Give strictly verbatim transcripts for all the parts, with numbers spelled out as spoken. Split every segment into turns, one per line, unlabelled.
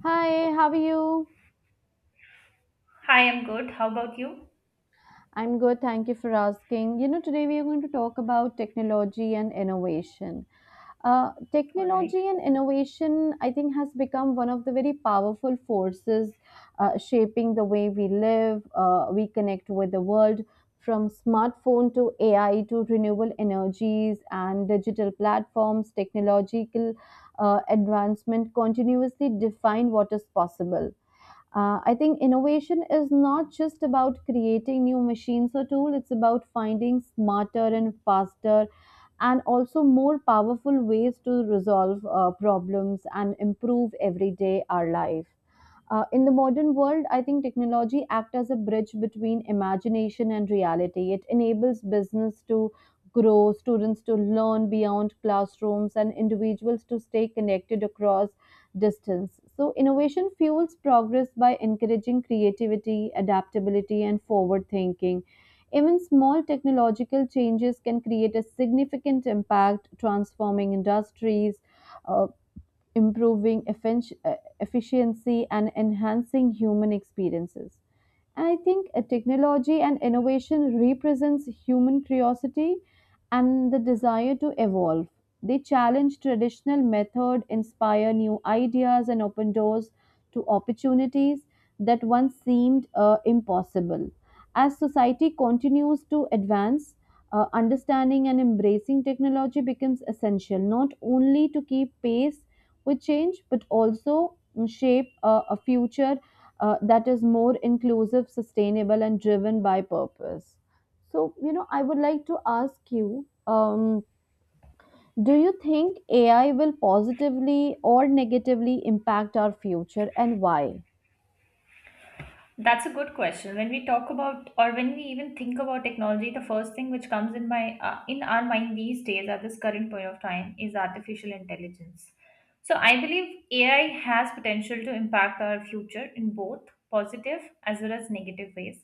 Hi, how are you?
Hi, I'm good. How about you?
I'm good, thank you for asking. You know, today we are going to talk about technology and innovation. Uh,
All right.
technology and innovation, I think, has become one of the very powerful forces uh, shaping the way we live, uh, we connect with the world. From smartphone to A I to renewable energies and digital platforms, technological uh, advancement continuously define what is possible. Uh, I think innovation is not just about creating new machines or tools, it's about finding smarter and faster and also more powerful ways to resolve uh, problems and improve everyday our life. Uh, in the modern world, I think technology acts as a bridge between imagination and reality. It enables business to grow, students to learn beyond classrooms, and individuals to stay connected across distance. So, innovation fuels progress by encouraging creativity, adaptability, and forward thinking. Even small technological changes can create a significant impact, transforming industries, uh, improving effen- uh, efficiency and enhancing human experiences. And I think uh, technology and innovation represents human curiosity and the desire to evolve. They challenge traditional method, inspire new ideas, and open doors to opportunities that once seemed uh, impossible. As society continues to advance, uh, understanding and embracing technology becomes essential not only to keep pace with change, but also mm, shape a, a future uh, that is more inclusive, sustainable, and driven by purpose. So, you know, I would like to ask you um, do you think A I will positively or negatively impact our future and why?
That's a good question. When we talk about, or when we even think about technology, the first thing which comes in my uh, in our mind these days at this current point of time is artificial intelligence. So I believe A I has potential to impact our future in both positive as well as negative ways.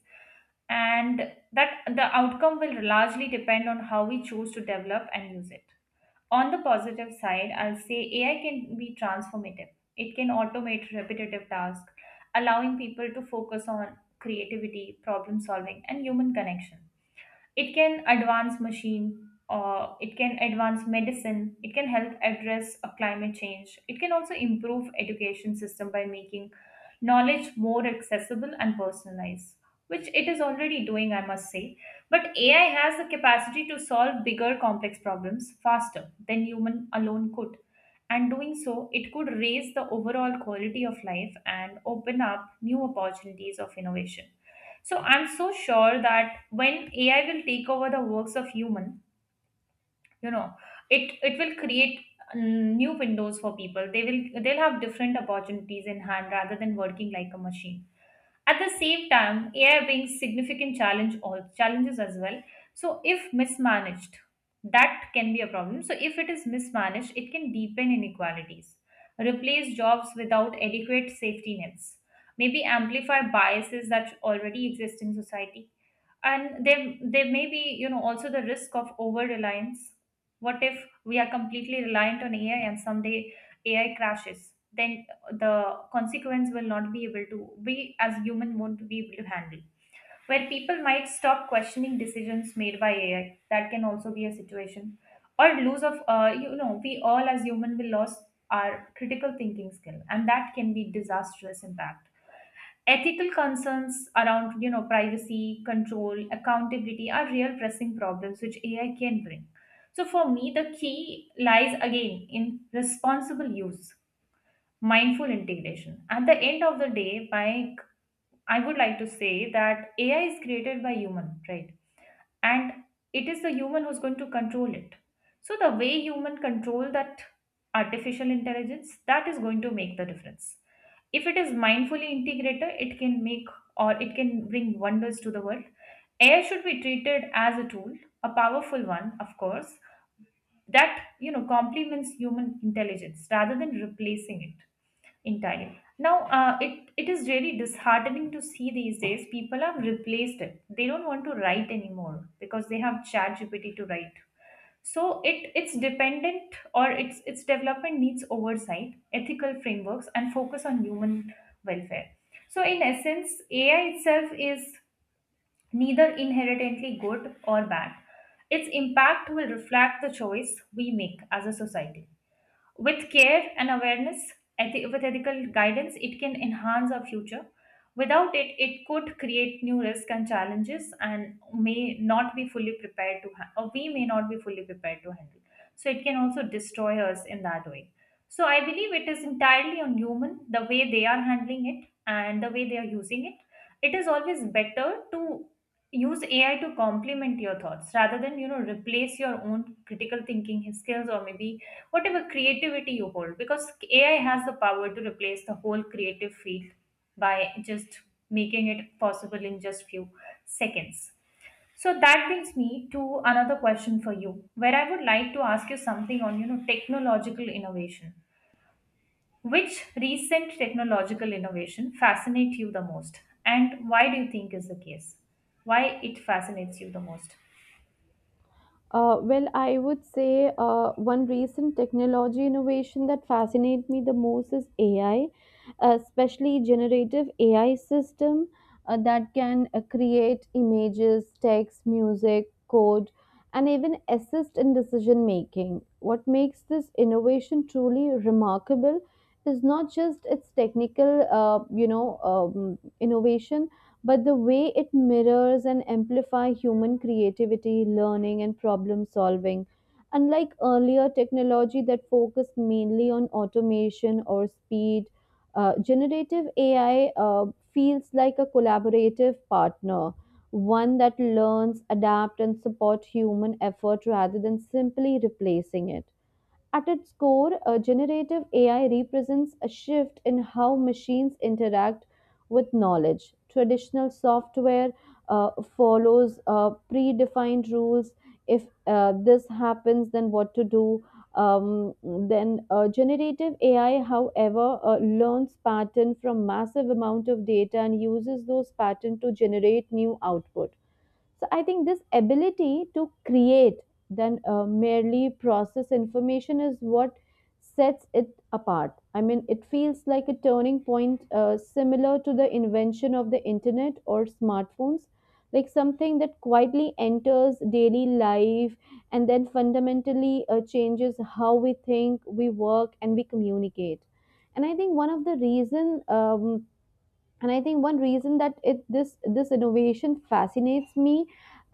And that the outcome will largely depend on how we choose to develop and use it. On the positive side, I'll say A I can be transformative. It can automate repetitive tasks, allowing people to focus on creativity, problem solving, and human connection. It can advance machine, uh, it can advance medicine, it can help address uh, climate change. It can also improve education system by making knowledge more accessible and personalized, which it is already doing, I must say. But A I has the capacity to solve bigger complex problems faster than human alone could. And doing so, it could raise the overall quality of life and open up new opportunities of innovation. So I'm so sure that when A I will take over the works of human, you know, it it will create mm, new windows for people. They will they'll have different opportunities in hand rather than working like a machine. At the same time, A I brings significant challenge all challenges as well. So if mismanaged, that can be a problem. So if it is mismanaged, it can deepen inequalities, replace jobs without adequate safety nets, maybe amplify biases that already exist in society. And there there may be, you know, also the risk of over reliance. What if we are completely reliant on A I and someday A I crashes? Then the consequence will not be able to, we as human won't be able to handle, where people might stop questioning decisions made by A I. That can also be a situation, or lose of uh, you know, we all as human will lose our critical thinking skill, and that can be disastrous impact. Ethical concerns around, you know, privacy, control, accountability are real pressing problems which A I can bring. So for me, the key lies again in responsible use, mindful integration. At the end of the day, by, I would like to say that A I is created by human, right? And it is the human who's going to control it. So the way human control that artificial intelligence, that is going to make the difference. If it is mindfully integrated, it can make, or it can bring wonders to the world. AI should be treated as a tool, a powerful one of course, that, you know, complements human intelligence rather than replacing it entirely. Now uh, it it is really disheartening to see these days people have replaced it, they don't want to write anymore because they have chat G P T to write. So it it's dependent, or its its development needs oversight, ethical frameworks, and focus on human welfare. So in essence, AI itself is neither inherently good or bad. Its impact will reflect the choice we make as a society. With care and awareness, ethi- with ethical guidance, it can enhance our future. Without it, it could create new risks and challenges and may not be fully prepared to, ha- or we may not be fully prepared to handle. So it can also destroy us in that way. So I believe it is entirely on human, the way they are handling it and the way they are using it. It is always better to use A I to complement your thoughts rather than, you know, replace your own critical thinking skills or maybe whatever creativity you hold, because A I has the power to replace the whole creative field by just making it possible in just few seconds. So that brings me to another question for you, where I would like to ask you something on, you know, technological innovation, which recent technological innovation fascinates you the most and why do you think is the case, why it fascinates you the most?
Uh, well, I would say uh, one recent technology innovation that fascinates me the most is A I, especially generative A I system uh, that can uh, create images, text, music, code, and even assist in decision making. What makes this innovation truly remarkable is not just its technical, uh, you know, um, innovation, but the way it mirrors and amplifies human creativity, learning, and problem solving. Unlike earlier technology that focused mainly on automation or speed, uh, generative A I uh, feels like a collaborative partner, one that learns, adapts, and supports human effort rather than simply replacing it. At its core, uh, generative A I represents a shift in how machines interact with knowledge. Traditional software uh, follows uh, predefined rules. If uh, this happens, then what to do? Um, then uh, generative A I, however, uh, learns pattern from massive amount of data and uses those pattern to generate new output. So I think this ability to create than uh, merely process information is what sets it apart. I mean, it feels like a turning point uh, similar to the invention of the internet or smartphones, like something that quietly enters daily life and then fundamentally uh, changes how we think, we work, and we communicate. And I think one of the reason um, and I think one reason that it this this innovation fascinates me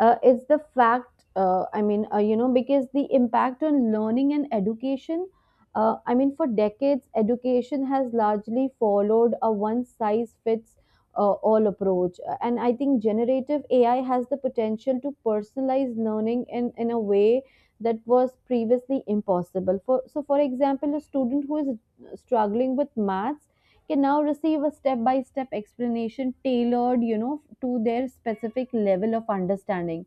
uh, is the fact, uh, i mean uh, you know, because the impact on learning and education. uh, I mean for decades education has largely followed a one size fits uh, all approach. Uh, and I think generative AI has the potential to personalize learning in in a way that was previously impossible. For so for example a student who is struggling with maths can now receive a step by step explanation tailored, you know, to their specific level of understanding.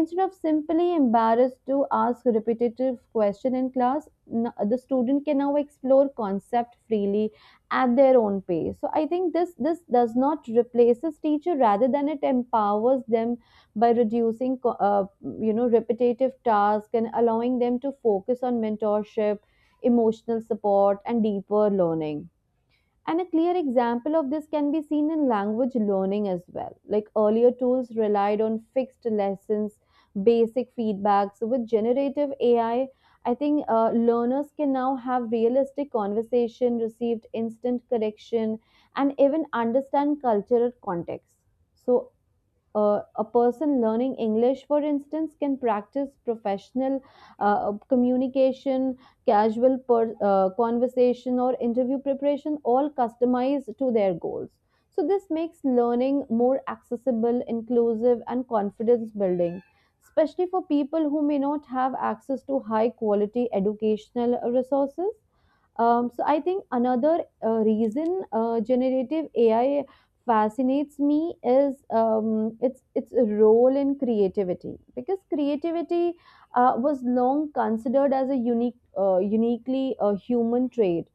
Instead of simply embarrassed to ask repetitive question in class, n- the student can now explore concept freely at their own pace. So I think this this does not replaces teacher rather than it empowers them by reducing co- uh, you know repetitive tasks and allowing them to focus on mentorship, emotional support, and deeper learning. And a clear example of this can be seen in language learning as well. Like earlier tools relied on fixed lessons, basic feedbacks. With generative A I, I I think uh, learners can now have realistic conversation, received instant correction, and even understand cultural context. So uh, a person learning English, for instance, can practice professional uh, communication, casual per, uh, conversation, or interview preparation, all customized to their goals. So, this makes learning more accessible, inclusive, and confidence building, especially for people who may not have access to high quality educational resources. Um, so I think another uh, reason uh, generative A I fascinates me is um, its its role in creativity because creativity uh, was long considered as a unique uh, uniquely uh, human trait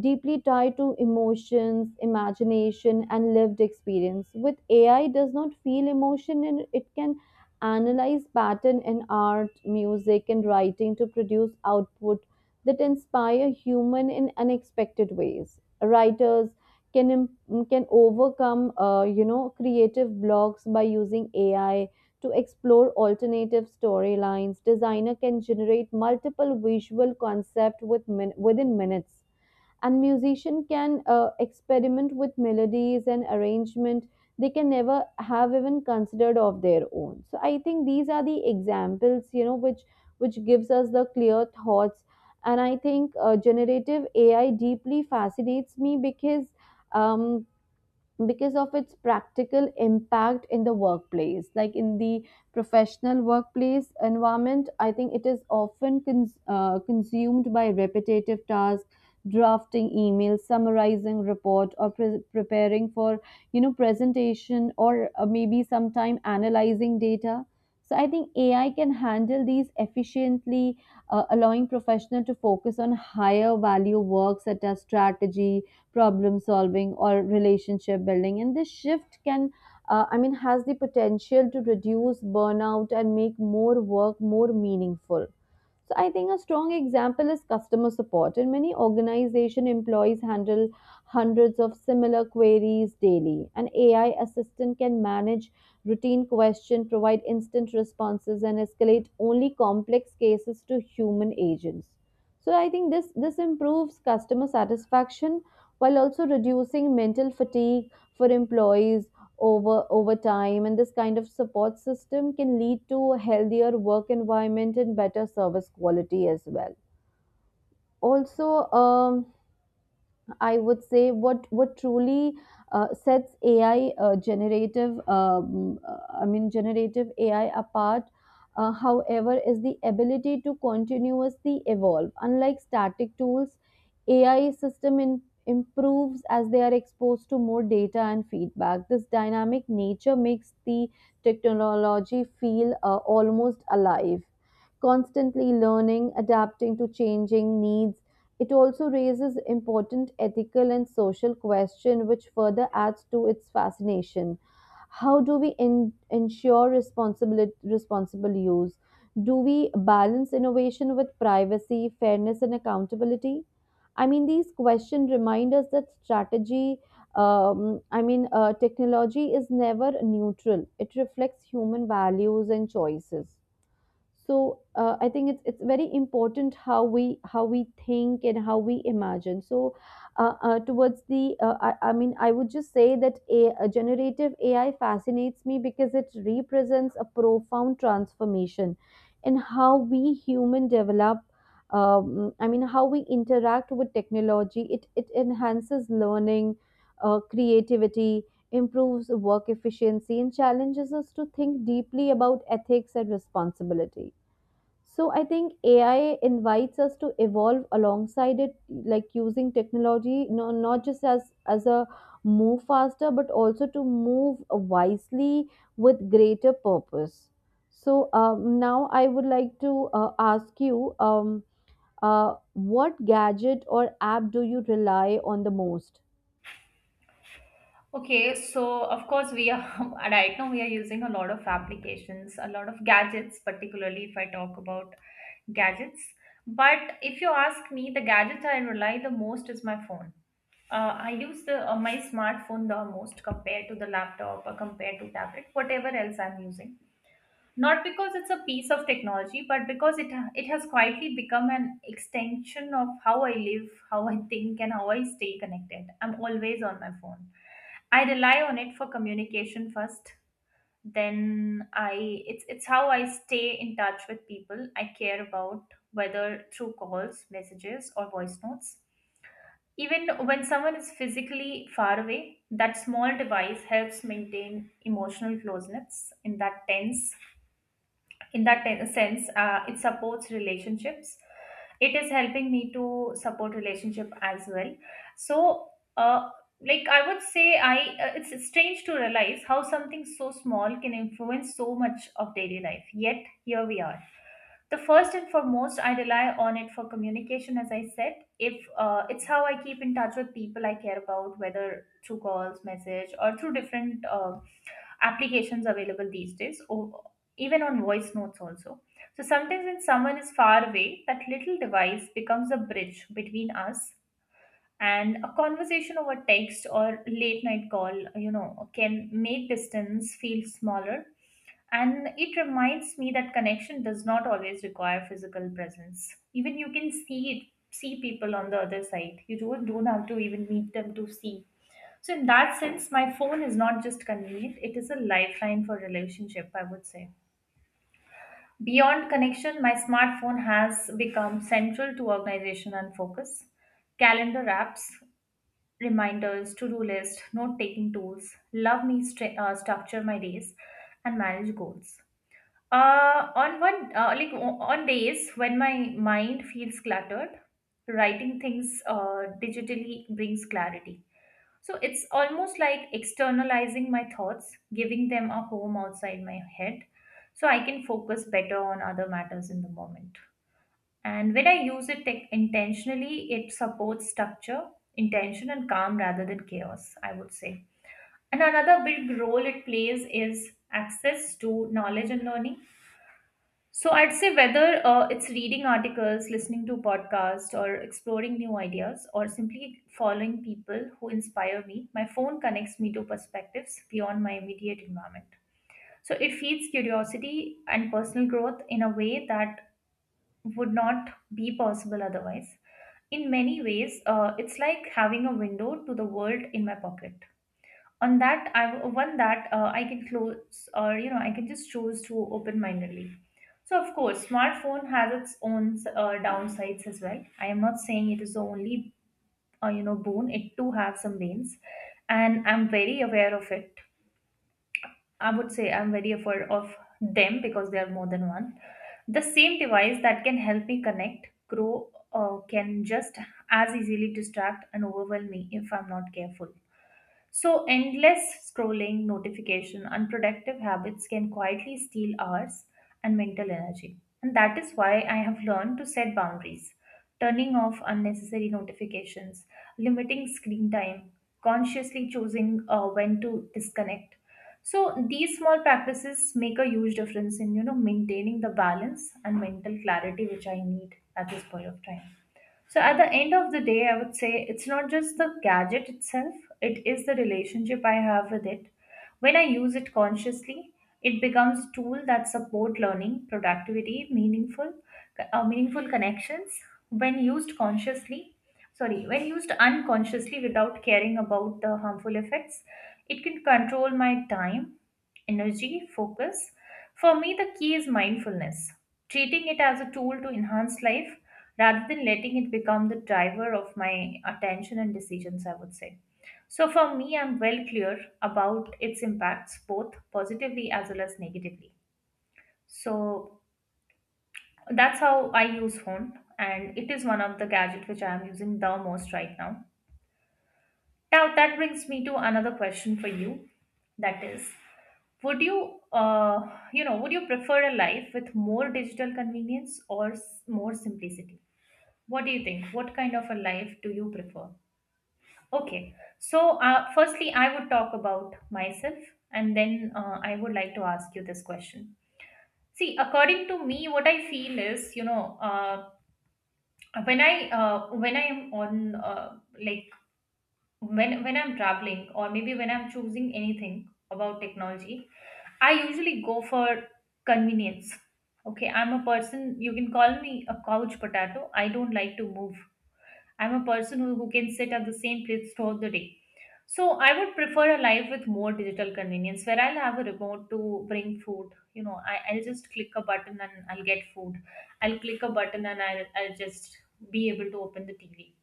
deeply tied to emotions, imagination, and lived experience. With A I, does not feel emotion, and it can analyze pattern in art, music, and writing to produce output that inspire human in unexpected ways. Writers can im- can overcome, uh, you know, creative blocks by using A I to explore alternative storylines. Designer can generate multiple visual concept with min- within minutes and musician can uh, experiment with melodies and arrangement they can never have even considered of their own. So I think these are the examples, you know, which which gives us the clear thoughts. And I think uh, generative AI deeply fascinates me because um, because of its practical impact in the workplace, like in the professional workplace environment. I think it is often cons- uh, consumed by repetitive tasks, drafting emails, summarizing report, or pre- preparing for, you know, presentation or uh, maybe sometime analyzing data. So I think AI can handle these efficiently, uh, allowing professional to focus on higher value work such as strategy, problem solving, or relationship building. And this shift can, uh, i mean has the potential to reduce burnout and make more work more meaningful. So I think a strong example is customer support. And many organization employees handle hundreds of similar queries daily. An A I assistant can manage routine questions, provide instant responses, and escalate only complex cases to human agents. So I think this this improves customer satisfaction while also reducing mental fatigue for employees over over time. And this kind of support system can lead to a healthier work environment and better service quality as well. Also um, I would say what what truly uh, sets A I uh, generative um, uh, I mean generative A I apart uh, however is the ability to continuously evolve. Unlike static tools, A I system in, improves as they are exposed to more data and feedback. This dynamic nature makes the technology feel uh, almost alive, constantly learning, adapting to changing needs. It also raises important ethical and social questions, which further adds to its fascination. How do we en- ensure responsible, responsible use? Do we balance innovation with privacy, fairness, and accountability? I mean, these questions remind us that strategy, um, I mean, uh, technology is never neutral. It reflects human values and choices. So uh, I think it's it's very important how we how we think and how we imagine. So uh, uh, towards the uh, I, I mean I would just say that a, a generative AI fascinates me because it represents a profound transformation in how we human develop, um, i mean how we interact with technology. It it enhances learning, uh, creativity, improves work efficiency, and challenges us to think deeply about ethics and responsibility. So I think A I invites us to evolve alongside it, like using technology, no, not just as as a move faster, but also to move wisely with greater purpose. So um, now I would like to uh, ask you, um, uh, what gadget or app do you rely on the most?
Okay, so of course we are right now we are using a lot of applications, a lot of gadgets, particularly if I talk about gadgets. But if you ask me, the gadget I rely the most is my phone. Uh, I use the uh, my smartphone the most compared to the laptop or compared to tablet, whatever else I'm using. Not because it's a piece of technology, but because it it has quietly become an extension of how I live, how I think, and how I stay connected. I'm always on my phone. I rely on it for communication first. Then I it's it's how I stay in touch with people I care about, whether through calls, messages, or voice notes. Even when someone is physically far away, that small device helps maintain emotional closeness. In that tense in that ten- sense, uh, it supports relationships, it is helping me to support relationship as well. So uh, like I would say I uh, it's strange to realize how something so small can influence so much of daily life, yet here we are. The first and foremost, I rely on it for communication, as I said. If uh, It's how I keep in touch with people I care about, whether through calls, message, or through different uh, applications available these days, or even on voice notes also. So sometimes when someone is far away, that little device becomes a bridge between us, and a conversation over text or late night call, you know, can make distance feel smaller. And it reminds me that connection does not always require physical presence. Even you can see it, see people on the other side. You don't, don't have to even meet them to see. So in that sense, my phone is not just convenient, it is a lifeline for relationship, I would say. Beyond connection, my smartphone has become central to organization and focus. Calendar apps, reminders, to-do list, note-taking tools, love me stra- uh, structure my days, and manage goals. Uh, on one uh, like o- On days when my mind feels cluttered, writing things uh, digitally brings clarity. So it's almost like externalizing my thoughts, giving them a home outside my head, so I can focus better on other matters in the moment. And when I use it tech intentionally, it supports structure, intention, and calm rather than chaos, I would say. And another big role it plays is access to knowledge and learning. So I'd say whether uh, it's reading articles, listening to podcasts, or exploring new ideas, or simply following people who inspire me, my phone connects me to perspectives beyond my immediate environment. So it feeds curiosity and personal growth in a way that would not be possible otherwise. In many ways, uh, it's like having a window to the world in my pocket. On that, I one that uh, I can close, or you know, I can just choose to open-mindedly. So of course, smartphone has its own uh, downsides as well. I am not saying it is the only, uh, you know, boon. It too has some banes, and I'm very aware of it. I would say I'm very afraid of them because there are more than one. The same device that can help me connect, grow, uh, can just as easily distract and overwhelm me if I'm not careful. So endless scrolling, notification, unproductive habits can quietly steal hours and mental energy. And that is why I have learned to set boundaries, turning off unnecessary notifications, limiting screen time, consciously choosing uh, when to disconnect. So these small practices make a huge difference in, you know, maintaining the balance and mental clarity which I need at this point of time. So at the end of the day, I would say it's not just the gadget itself, it is the relationship I have with it. When I use it consciously, it becomes a tool that support learning, productivity, meaningful uh, meaningful connections. When used consciously, sorry, when used unconsciously without caring about the harmful effects, it can control my time, energy, focus. For me, the key is mindfulness, treating it as a tool to enhance life rather than letting it become the driver of my attention and decisions, I would say. So for me, I'm well clear about its impacts, both positively as well as negatively. So that's how I use phone, and it is one of the gadgets which I am using the most right now. Now, that brings me to another question for you, that is, would you, uh, you know, would you prefer a life with more digital convenience or s- more simplicity? What do you think? What kind of a life do you prefer? Okay, so uh, firstly, I would talk about myself, and then uh, I would like to ask you this question. See, according to me, what I feel is, you know, uh, when I uh, when I am on uh, like when when I'm traveling, or maybe when I'm choosing anything about technology, I usually go for convenience. Okay, I'm a person, you can call me a couch potato. I don't like to move. I'm a person who, who can sit at the same place throughout the day. So I would prefer a life with more digital convenience where I'll have a remote to bring food. You know, I, I'll just click a button and I'll get food. I'll click a button and I'll, I'll just be able to open the T V.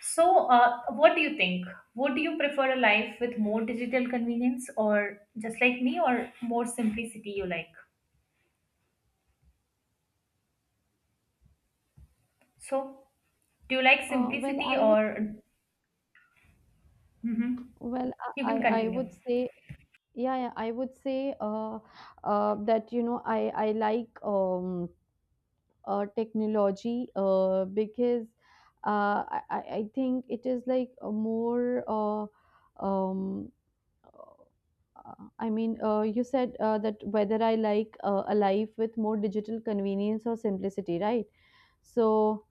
So uh, what do you think? Would you prefer a life with more digital convenience, or just like me, or more simplicity you like? So do you like
Uh, well,
simplicity
I would
or... hmm
well,
You
I,
can
I I
continue.
would say. Yeah, yeah, I would say uh, uh, that you know I I like um, uh, technology uh, because uh, I I I think it is like a more uh, um, uh, I mean uh, you said uh, that whether I like uh, a life with more digital convenience or simplicity, right? So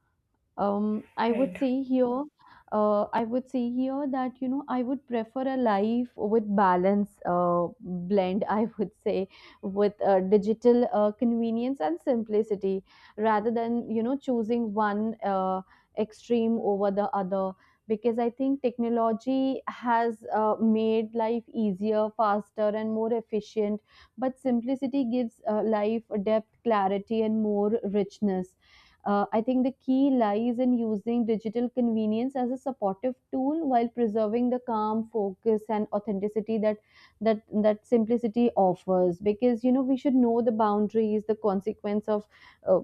um, I would
Right.
say here, uh, I would say here that you know I would prefer a life with balance uh, blend. I would say with uh, digital uh, convenience and simplicity, rather than you know choosing one uh, extreme over the other. Because I think technology has uh, made life easier, faster, and more efficient. But simplicity gives uh, life depth, clarity, and more richness. uh, I think the key lies in using digital convenience as a supportive tool while preserving the calm, focus, and authenticity that that that simplicity offers. Because you know we should know the boundaries, the consequence of uh,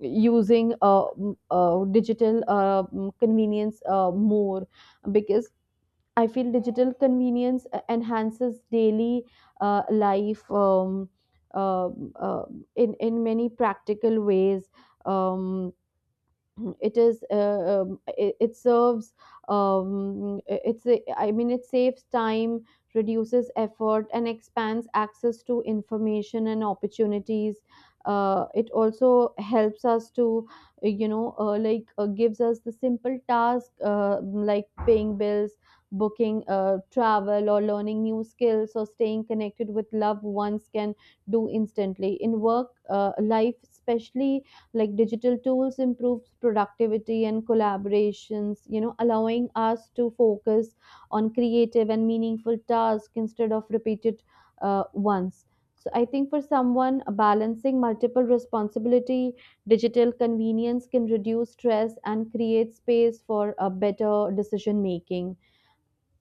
using uh, m- uh, digital uh, m- convenience uh, more. Because I feel digital convenience uh, enhances daily uh, life um, uh, uh, in in many practical ways. Um, it is uh, um, it, it serves um, it's a, I mean it saves time, reduces effort, and expands access to information and opportunities. Uh, it also helps us to you know uh, like uh, gives us the simple task, uh, like paying bills, booking uh, travel, or learning new skills, or staying connected with loved ones can do instantly. In work uh, life especially, like digital tools improves productivity and collaborations, you know, allowing us to focus on creative and meaningful tasks instead of repeated uh, ones. So I think for someone uh, balancing multiple responsibility, digital convenience can reduce stress and create space for a better decision making.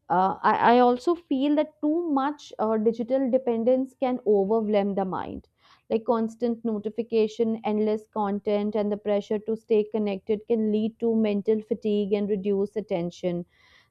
Uh, I, I also feel that too much uh, digital dependence can overwhelm the mind. Like constant notification, endless content, and the pressure to stay connected can lead to mental fatigue and reduce attention.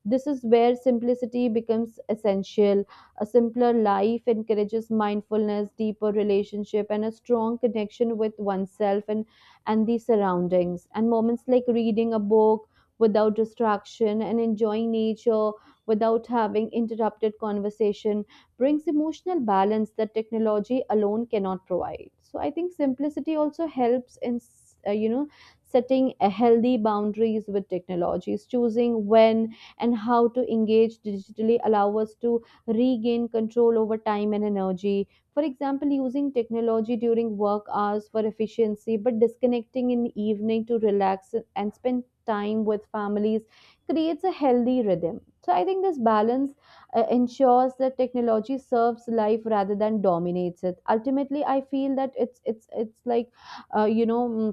This is where simplicity becomes essential. A simpler life encourages mindfulness, deeper relationship, and a strong connection with oneself and, and the surroundings. And moments like reading a book without distraction and enjoying nature without having interrupted conversation brings emotional balance that technology alone cannot provide. So I think simplicity also helps in s- uh, you know, setting a healthy boundaries with technologies, choosing when and how to engage digitally allow us to regain control over time and energy. For example, using technology during work hours for efficiency but disconnecting in the evening to relax and spend time with families creates a healthy rhythm. So I think this balance uh, ensures that technology serves life rather than dominates it. Ultimately, I feel that it's it's it's like uh, you know mm,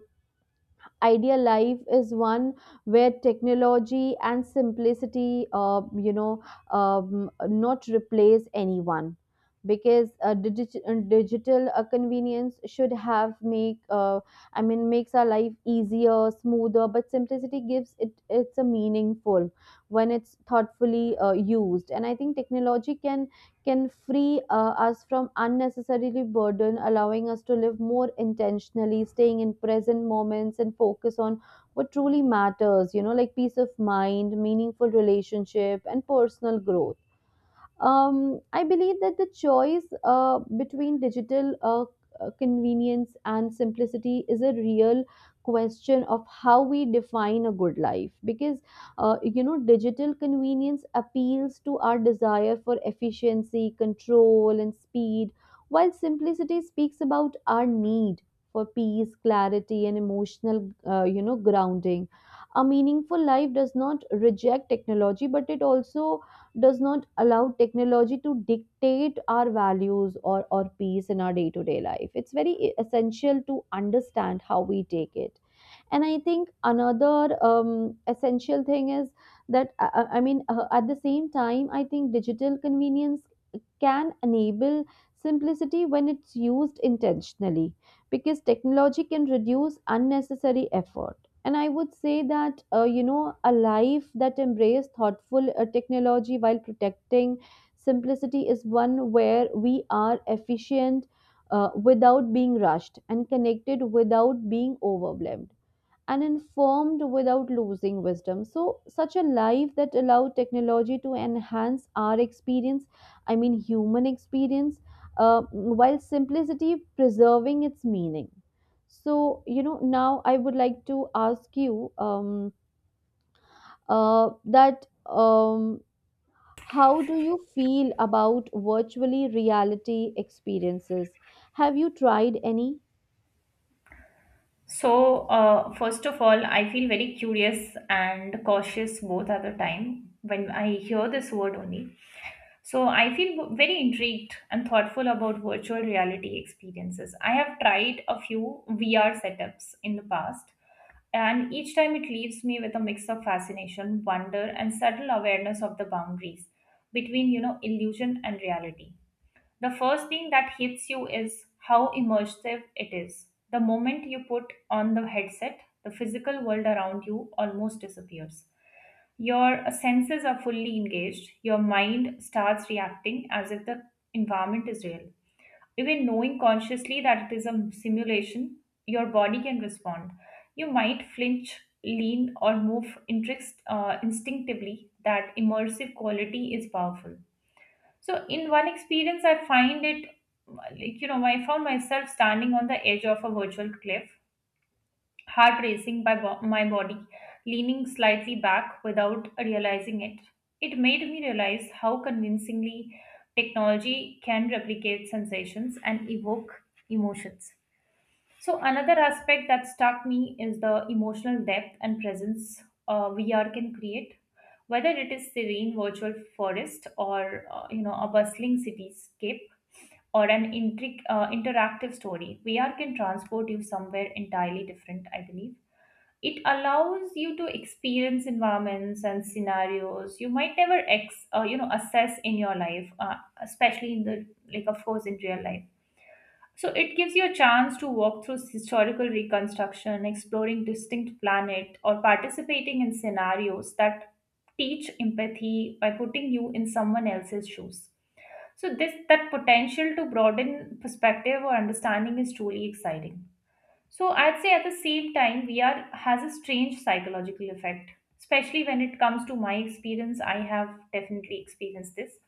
ideal life is one where technology and simplicity, uh, you know, um, not replace anyone. Because uh, digi- uh, digital uh, convenience should have make uh, I mean makes our life easier, smoother, but simplicity gives it it's a meaningful when it's thoughtfully uh, used. And I think technology can can free uh, us from unnecessarily burden, allowing us to live more intentionally, staying in present moments and focus on what truly matters, you know, like peace of mind, meaningful relationship, and personal growth. um, I believe that the choice uh, between digital uh, uh, convenience and simplicity is a real question of how we define a good life. Because uh, you know, digital convenience appeals to our desire for efficiency, control, and speed, while simplicity speaks about our need for peace, clarity, and emotional, uh, you know, grounding. A meaningful life does not reject technology, but it also does not allow technology to dictate our values or, or peace in our day to day life. It's very e-, essential to understand how we take it. And I think another um, essential thing is that, uh, uh, I mean, uh, at the same time, I think digital convenience can enable simplicity when it's used intentionally, because technology can reduce unnecessary effort. And I would say that uh, you know, a life that embraces thoughtful uh, technology while protecting simplicity is one where we are efficient uh, without being rushed, and connected without being overwhelmed, and informed without losing wisdom. So such a life that allow technology to enhance our experience, I mean human experience, uh, while simplicity preserving its meaning. So, you know, now I would like to ask you, um, uh, that um, how do you feel about virtually reality experiences? Have you tried any?
So, uh, first of all, I feel very curious and cautious both at the time when I hear this word only. So, I feel very intrigued and thoughtful about virtual reality experiences. I have tried a few V R setups in the past, and each time it leaves me with a mix of fascination, wonder, and subtle awareness of the boundaries between, you know, illusion and reality. The first thing that hits you is how immersive it is. The moment you put on the headset, the physical world around you almost disappears. Your senses are fully engaged, your mind starts reacting as if the environment is real. Even knowing consciously that it is a simulation, your body can respond. You might flinch, lean, or move interest, uh, instinctively. That immersive quality is powerful. So in one experience, I find it like, you know, I found myself standing on the edge of a virtual cliff, heart racing by bo- my body, leaning slightly back without realizing it. It made me realize how convincingly technology can replicate sensations and evoke emotions. So, another aspect that struck me is the emotional depth and presence uh, V R can create, whether it is serene virtual forest, or uh, you know, a bustling cityscape, or an intric- uh, interactive story. V R can transport you somewhere entirely different, I believe. It allows you to experience environments and scenarios you might never ex- uh, you know, assess in your life, uh, especially in the like, of course, in real life. So it gives you a chance to walk through historical reconstruction, exploring distinct planet, or participating in scenarios that teach empathy by putting you in someone else's shoes. So this, that potential to broaden perspective or understanding is truly exciting. So I'd say, at the same time V R has a strange psychological effect, especially when it comes to my experience. I have definitely experienced this.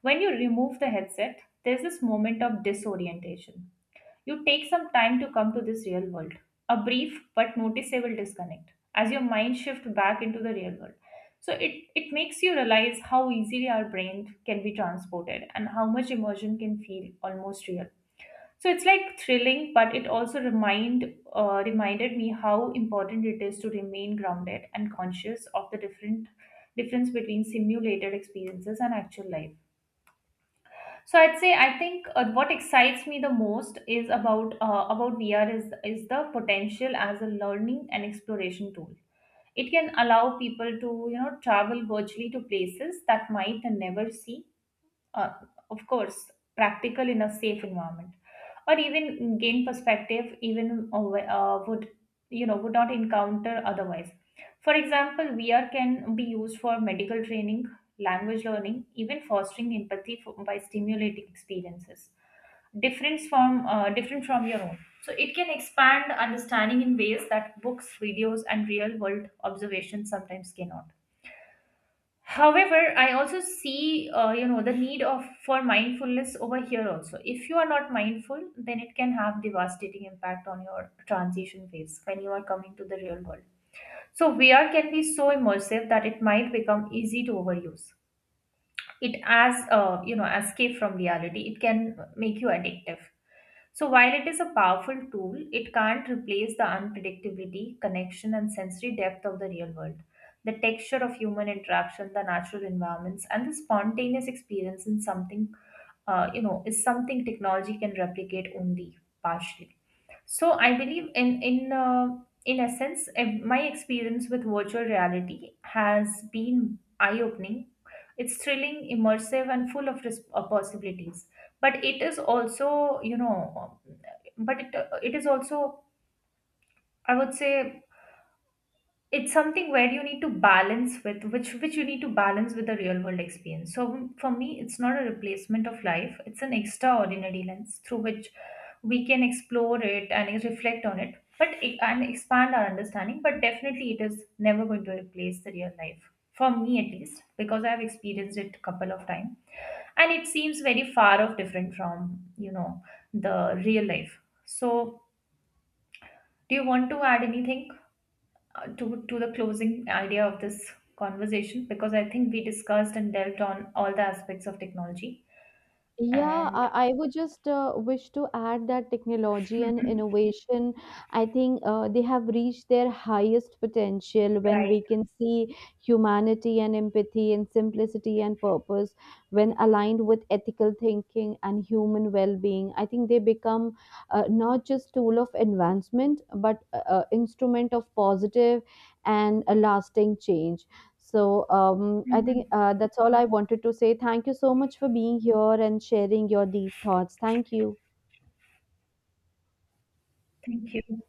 When you remove the headset, there's this moment of disorientation, you take some time to come to this real world, a brief but noticeable disconnect as your mind shifts back into the real world. So it, it makes you realize how easily our brain can be transported and how much immersion can feel almost real. So it's like thrilling, but it also remind uh, reminded me how important it is to remain grounded and conscious of the different difference between simulated experiences and actual life. So I'd say, I think uh, what excites me the most is about uh, about V R is is the potential as a learning and exploration tool. It can allow people to, you know, travel virtually to places that might never see, uh, of course, practical in a safe environment, or even gain perspective, even uh, wh- uh, would, you know, would not encounter otherwise. For example, V R can be used for medical training, language learning, even fostering empathy for, by stimulating experiences different from uh, different from your own. So it can expand understanding in ways that books, videos, and real world observations sometimes cannot. However, I also see, uh, you know, the need of for mindfulness over here also. If you are not mindful, then it can have devastating impact on your transition phase when you are coming to the real world. So V R can be so immersive that it might become easy to overuse it as, uh, you know, escape from reality. It can make you addictive. So while it is a powerful tool, it can't replace the unpredictability, connection, and sensory depth of the real world. The texture of human interaction, the natural environments, and the spontaneous experience in something, uh, you know, is something technology can replicate only partially. So I believe in in uh, in essence, ev- my experience with virtual reality has been eye-opening. It's thrilling, immersive, and full of res- uh, possibilities. But it is also, you know, but it, uh, it is also, I would say, it's something where you need to balance with, which which you need to balance with the real world experience. So for me it's not a replacement of life, it's an extraordinary lens through which we can explore it and reflect on it, but e, and expand our understanding. But definitely it is never going to replace the real life, for me at least, because I have experienced it a couple of times, and it seems very far off different from, you know, the real life. So do you want to add anything to to the closing idea of this conversation, because I think we discussed and delved on all the aspects of technology
Yeah,
and
I, I would just uh, wish to add that technology and innovation, I think uh, they have reached their highest potential when
right.
we can see humanity and empathy and simplicity and purpose, when aligned with ethical thinking and human well-being. I think they become uh, not just tool of advancement, but uh, uh, instrument of positive and a lasting change. So um, I
Mhm.
think uh, that's all I wanted to say. Thank you so much for being here and sharing your deep thoughts. Thank you.
Thank you.